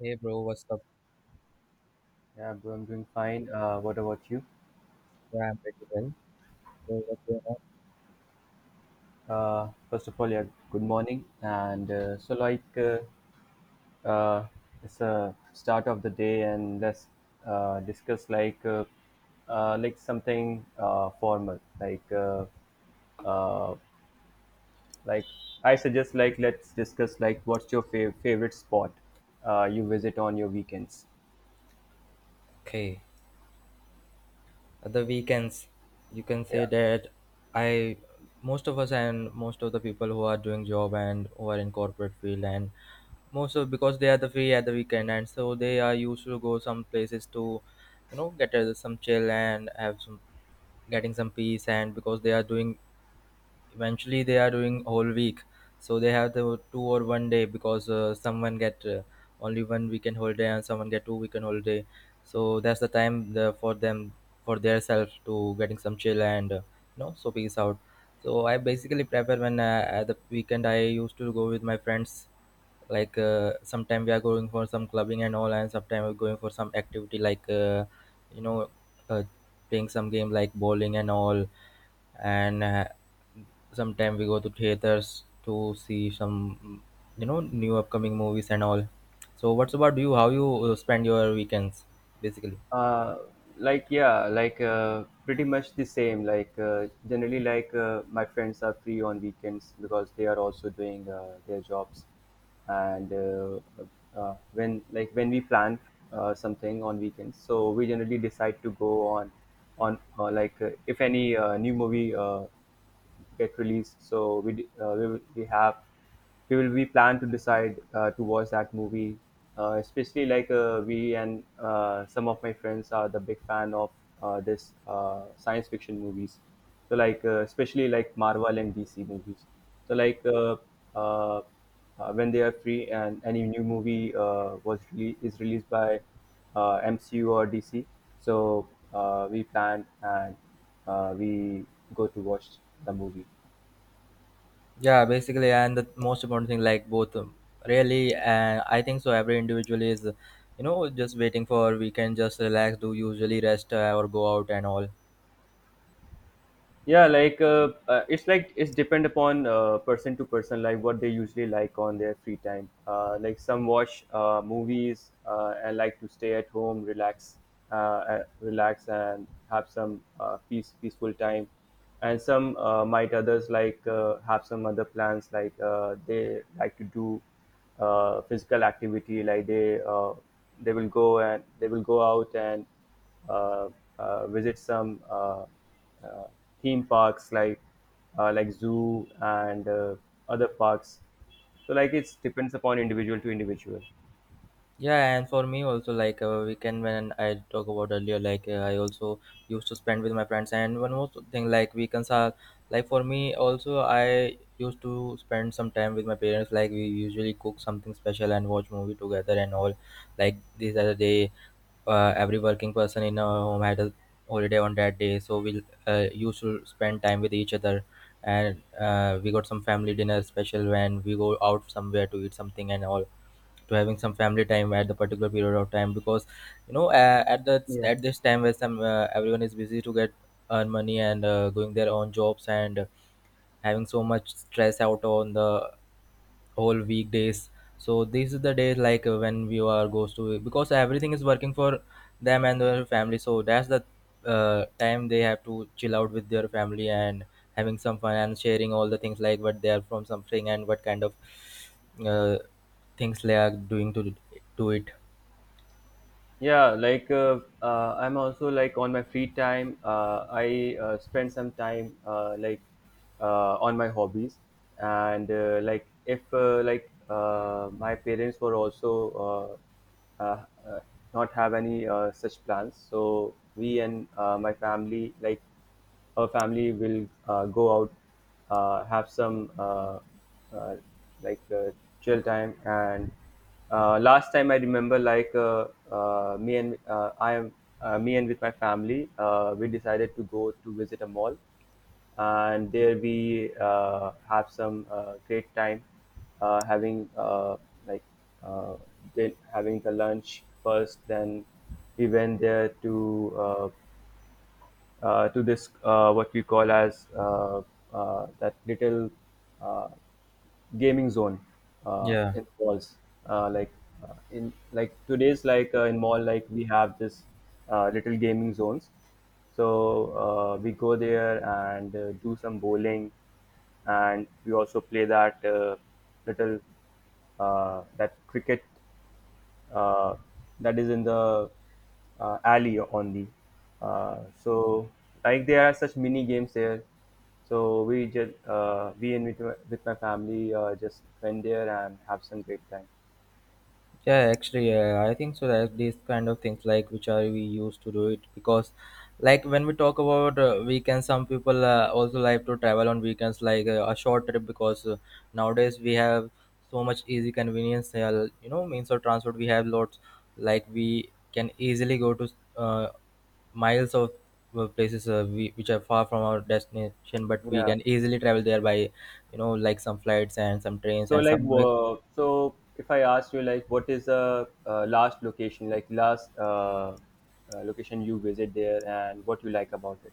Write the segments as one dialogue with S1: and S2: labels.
S1: Hey bro, what's up?
S2: Yeah, bro, I'm doing fine. What about you?
S1: Yeah, I'm pretty well. So what's going on?
S2: First of all, yeah, good morning. And so, like, uh, it's a start of the day, and let's discuss like something formal. Uh, like I suggest like let's discuss like what's your favorite spot you visit on your weekends.
S1: Okay, at the weekends, you can
S2: Yeah.
S1: say that I, most of us and most of the people who are doing job and who are in corporate field and most of because they are the free at the weekend and so they are used to go some places to, you know, get some chill and have some getting some peace and because they are doing eventually they are doing whole week so they have the two or one day because someone get only one weekend holiday and someone get two weekend holiday so that's the time the, for them for their self to getting some chill and you know so peace out so I basically prefer when at the weekend I used to go with my friends like sometime we are going for some clubbing and all and sometime we're going for some activity like you know uh, playing some game like bowling and all and sometime we go to theaters to see some you know new upcoming movies and all so what's about you how you spend your weekends basically.
S2: uh like, yeah, like pretty much the same, like generally, like my friends are free on weekends because they are also doing their jobs, and when, like, when we plan something on weekends, so we generally decide to go on like if any new movie get released. So we plan to decide to watch that movie. Especially, like we, and some of my friends are the big fan of this science fiction movies. So, like especially like Marvel and DC movies. So like uh, when they are free and any new movie was is released by MCU or DC. So we planned, and we go to watch the movie.
S1: Yeah, basically, and the most important thing, like both, really, and I think so. Every individual is, you know, just waiting for we can just relax, do usually rest or go out and all.
S2: Yeah, like it's depend upon person to person, like what they usually like on their free time. Like, some watch movies and like to stay at home, relax and have some peace, peaceful time. And some might, others like have some other plans, like they like to do physical activity, like they will go out and uh, visit some uh, theme parks, like zoo and other parks, so like it depends upon individual to individual.
S1: Yeah, and for me also, like weekend when I talk about earlier, like I also used to spend with my friends. And one more thing, like weekends are like for me also, I used to spend some time with my parents. Like we usually cook something special and watch movie together and all. Like these are the day every working person in our home had a holiday on that day so we used to spend time with each other and we got some family dinner special when we go out somewhere to eat something and all to having some family time at the particular period of time because you know at the
S2: Yeah.
S1: at this time where some everyone is busy to get earn money and going their own jobs and having so much stress out on the whole weekdays so these are the days like when we are goes to because everything is working for them and their family so that's the time they have to chill out with their family and having some fun and sharing all the things like what they are from something and what kind of uh, things they are doing to it
S2: Yeah, like I'm also, like, on my free time, I spend some time, like on my hobbies, and like if like my parents were also uh, uh, uh, not have any such plans, so we and my family like our family will go out, have some uh, like chill time. And last time I remember, like me and with my family, we decided to go to visit a mall, and there we have some great time having like uh, did having the lunch first. Then we went there uh, to this, what we call as that little uh, gaming zone
S1: yeah.
S2: in the malls. Like in, like, today's, like in mall, like we have this little gaming zones. So we go there and do some bowling, and we also play that little that cricket uh, that is in the alley on the so like there are such mini games there, so we just we and with my family just went there and have some great time.
S1: Yeah, actually, yeah, I think so. That these kind of things, like which are we used to do it because, like when we talk about weekends, some people also like to travel on weekends, like a short trip because nowadays we have so much easy convenience. You know, means of transport we have lots. Like we can easily go to uh, miles of places we, which are far from our destination, but we
S2: Yeah.
S1: can easily travel there by, you know, like some flights and some trains
S2: So
S1: and
S2: like
S1: some
S2: so if I ask you, like, what is the last location, like last location you visit there and what you like about it?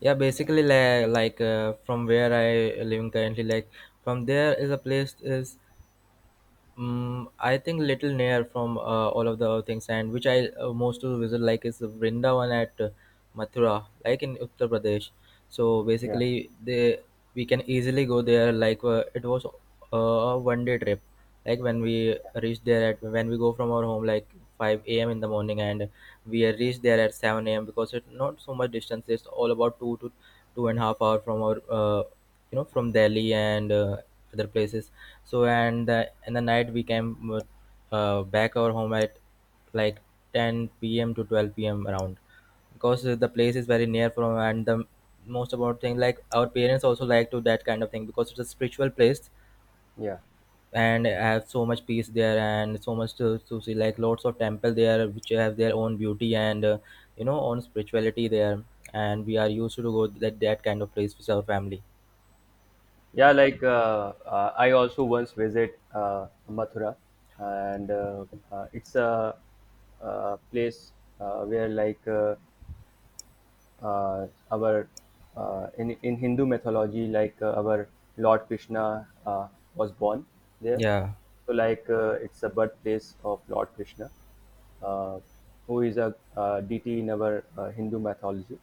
S1: yeah basically like from where I living currently like from there is a place is I think little near from all of the things and which I most to visit like is vrindavan at mathura like in uttar pradesh so
S2: Yeah,
S1: basically they we can easily go there like it was uh, a 1 day trip like when we reach there at when we go from our home like 5 a.m. in the morning and we reach there at 7 a.m. because it's not so much distance it's all about 2 to 2.5 hours from our you know from Delhi and other places. So and the in the night we came back our home at like 10 p.m. to 12 p.m. around because the place is very near from and the most about thing like our parents also like to that kind of thing because it's a spiritual place
S2: yeah.
S1: and have so much peace there and so much to see like lots of temple there which have their own beauty and you know own spirituality there and we are used to go that that kind of place with our family
S2: Yeah, like I also once visit Mathura, and it's a, place where, like our in Hindu mythology, like our Lord Krishna was born there.
S1: yeah.
S2: So, like it's a birthplace of Lord Krishna, uh, who is a deity in our Hindu mythology.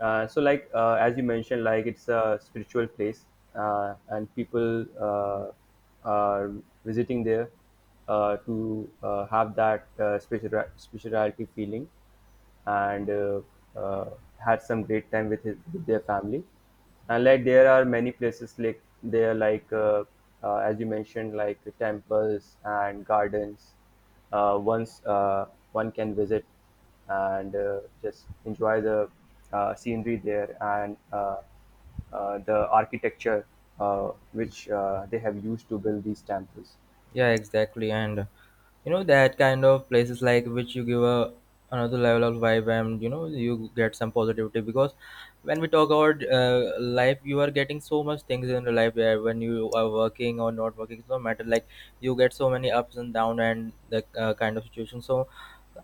S2: So, like as you mentioned, like it's a spiritual place, and people are visiting there to have that spirituality feeling, and uh, had some great time with with their family. And, like, there are many places like there, like as you mentioned, like temples and gardens. Once one can visit and just enjoy the scenery there and the architecture which they have used to build these temples.
S1: Yeah, exactly. And you know that kind of places like which you give a another level of vibe, and you know you get some positivity because when we talk about life, you are getting so much things in your life where when you are working or not working, it's no matter. Like you get so many ups and down and the kind of situation. So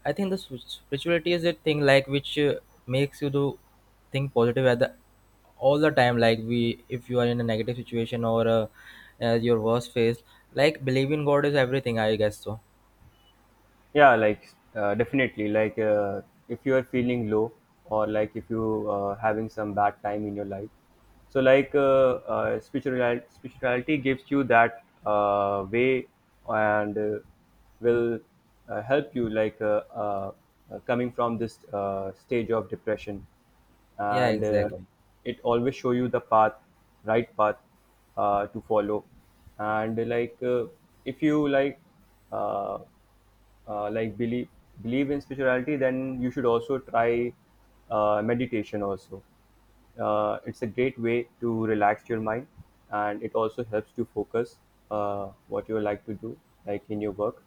S1: I think the spirituality is a thing like which makes you do think positive at the all the time. Like we, if you are in a negative situation or your worst phase, like believe in God is everything. I guess so.
S2: Yeah, like definitely, like if you are feeling low or like if you having some bad time in your life, so like spirituality gives you that way, and will help you like coming from this stage of depression,
S1: Yeah,
S2: and
S1: exactly.
S2: it always show you the path, right path, to follow, and like if you uh, like believe in spirituality, then you should also try meditation also. It's a great way to relax your mind, and it also helps to focus what you like to do, like in your work.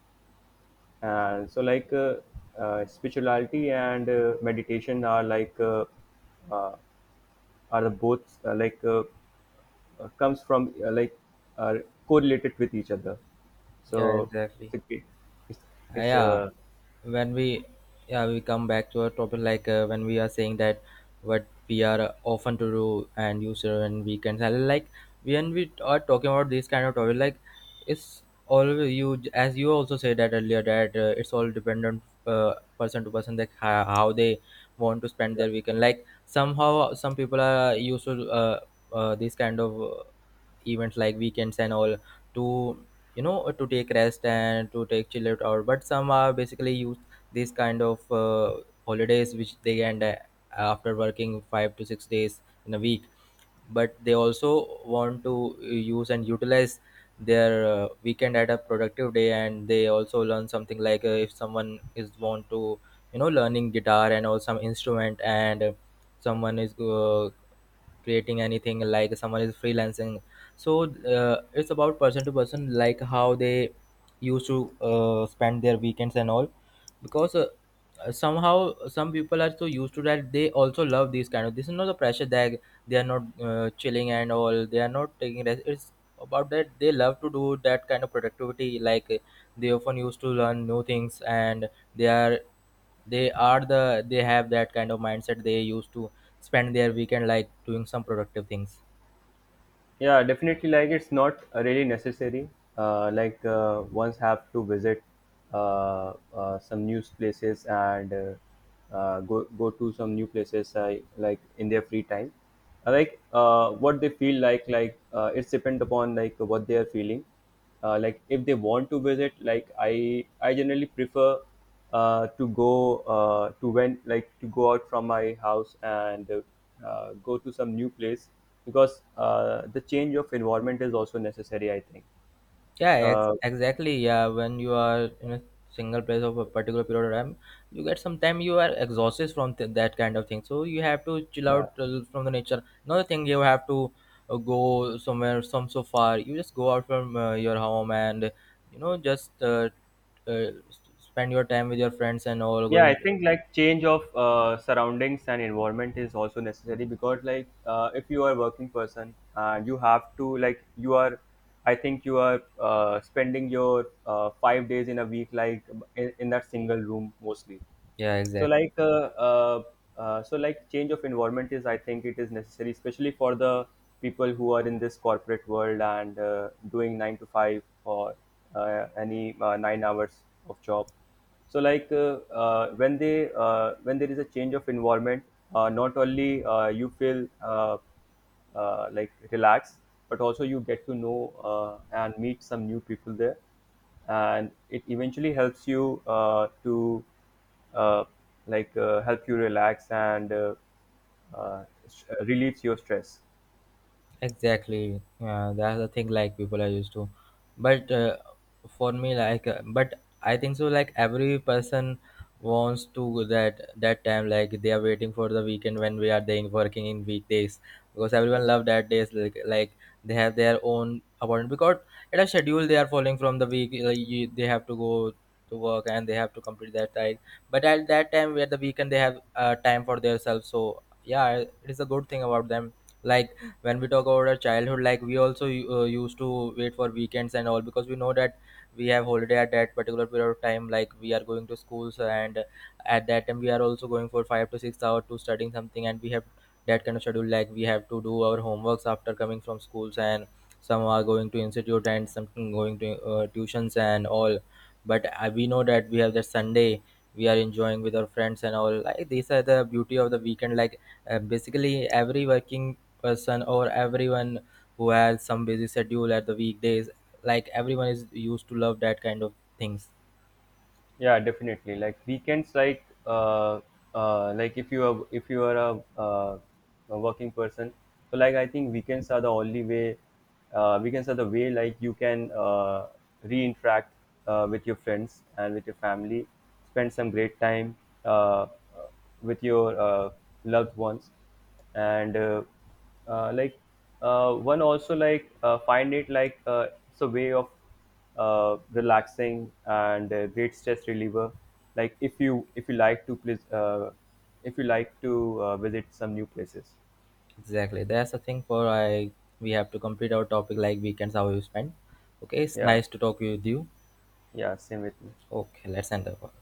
S2: And so, like spirituality and meditation are uh, are the both comes from like are correlated with each other,
S1: Yeah,
S2: so it's
S1: exactly.
S2: a great, it's, it's
S1: Yeah, when we yeah we come back to our topic like when we are saying that what we are often to do and user and weekends and like when we are talking about this kind of topic like it's always you as you also said that earlier that it's all dependent person to person like how they want to spend their weekend like somehow some people are used to this kind of events like weekends and all to you know to take rest and to take chill out hour. But some are basically use these kind of holidays which they end after working 5 to 6 days in a week but they also want to use and utilize their weekend at a productive day and they also learn something like if someone is want to you know learning guitar and or some instrument and someone is creating anything like someone is freelancing so it's about person to person like how they used to spend their weekends and all because somehow some people are so used to that they also love these kind of this is not the pressure that they are not chilling and all they are not taking rest it's about that they love to do that kind of productivity like they often used to learn new things and they are they are the they have that kind of mindset they used to spend their weekend like doing some productive things.
S2: Yeah, definitely. Like, it's not really necessary. Like ones have to visit some new places and go to some new places, I like, in their free time. Like what they feel like. Like it's depend upon like what they are feeling, like if they want to visit, like I generally prefer to go to when like to go out from my house and go to some new place, because the change of environment is also necessary, I think.
S1: Yeah,
S2: uh,
S1: exactly. Yeah, when you are in a single place of a particular period of time, you get some time you are exhausted from that kind of thing. So you have to chill
S2: yeah.
S1: out from the nature. Another thing, you have to go somewhere some so far. You just go out from your home and you know just spend your time with your friends and all
S2: Yeah,
S1: going.
S2: I think, like, change of surroundings and environment is also necessary, because like if you are a working person, you have to, like, you are, I think you are spending your 5 days in a week, like in that single room mostly.
S1: Yeah,
S2: So
S1: exactly.
S2: like change of environment is, I think, it is necessary, especially for the people who are in this corporate world and doing 9 to 5, or any 9 hours of job. So like when there is a change of environment, not only you feel uh, like relaxed, but also you get to know, uh, and meet some new people there, and it eventually helps you, to uh, like help you relax, and relieves your stress.
S1: Exactly. Yeah, that's the thing. Like people are used to, but for me, like, but I think so. Like every person wants to that that time. Like they are waiting for the weekend when we are then working in weekdays because everyone
S2: Yes.
S1: love that days. Like they have their own appointment because it a schedule they are following from the week. Like you, they have to go to work and they have to complete that time. But at that time, where the weekend they have time for themselves. So yeah, it is a good thing about them. Like when we talk about our childhood like we also used to wait for weekends and all because we know that we have holiday at that particular period of time like we are going to schools and at that time we are also going for 5 to 6 hours to studying something and we have that kind of schedule like we have to do our homeworks after coming from schools and some are going to institute and something going to tuitions and all but we know that we have the sunday we are enjoying with our friends and all like these are the beauty of the weekend like basically every working person or everyone who has some busy schedule at the weekdays like everyone is used to love that kind of things
S2: Yeah, definitely. Like, weekends, like if you are a working person, so like, I think, weekends are the way, like you can re-interact with your friends and with your family, spend some great time uh, uh, with your loved ones, and like one also, like find it, like it's a way of relaxing and a great stress reliever. Like if you like to please, if you like to visit some new places.
S1: exactly that's the thing for I we have to complete our topic like weekends how you spend okay it's
S2: Yeah,
S1: nice to talk with you
S2: yeah, same with me.
S1: okay let's end the call.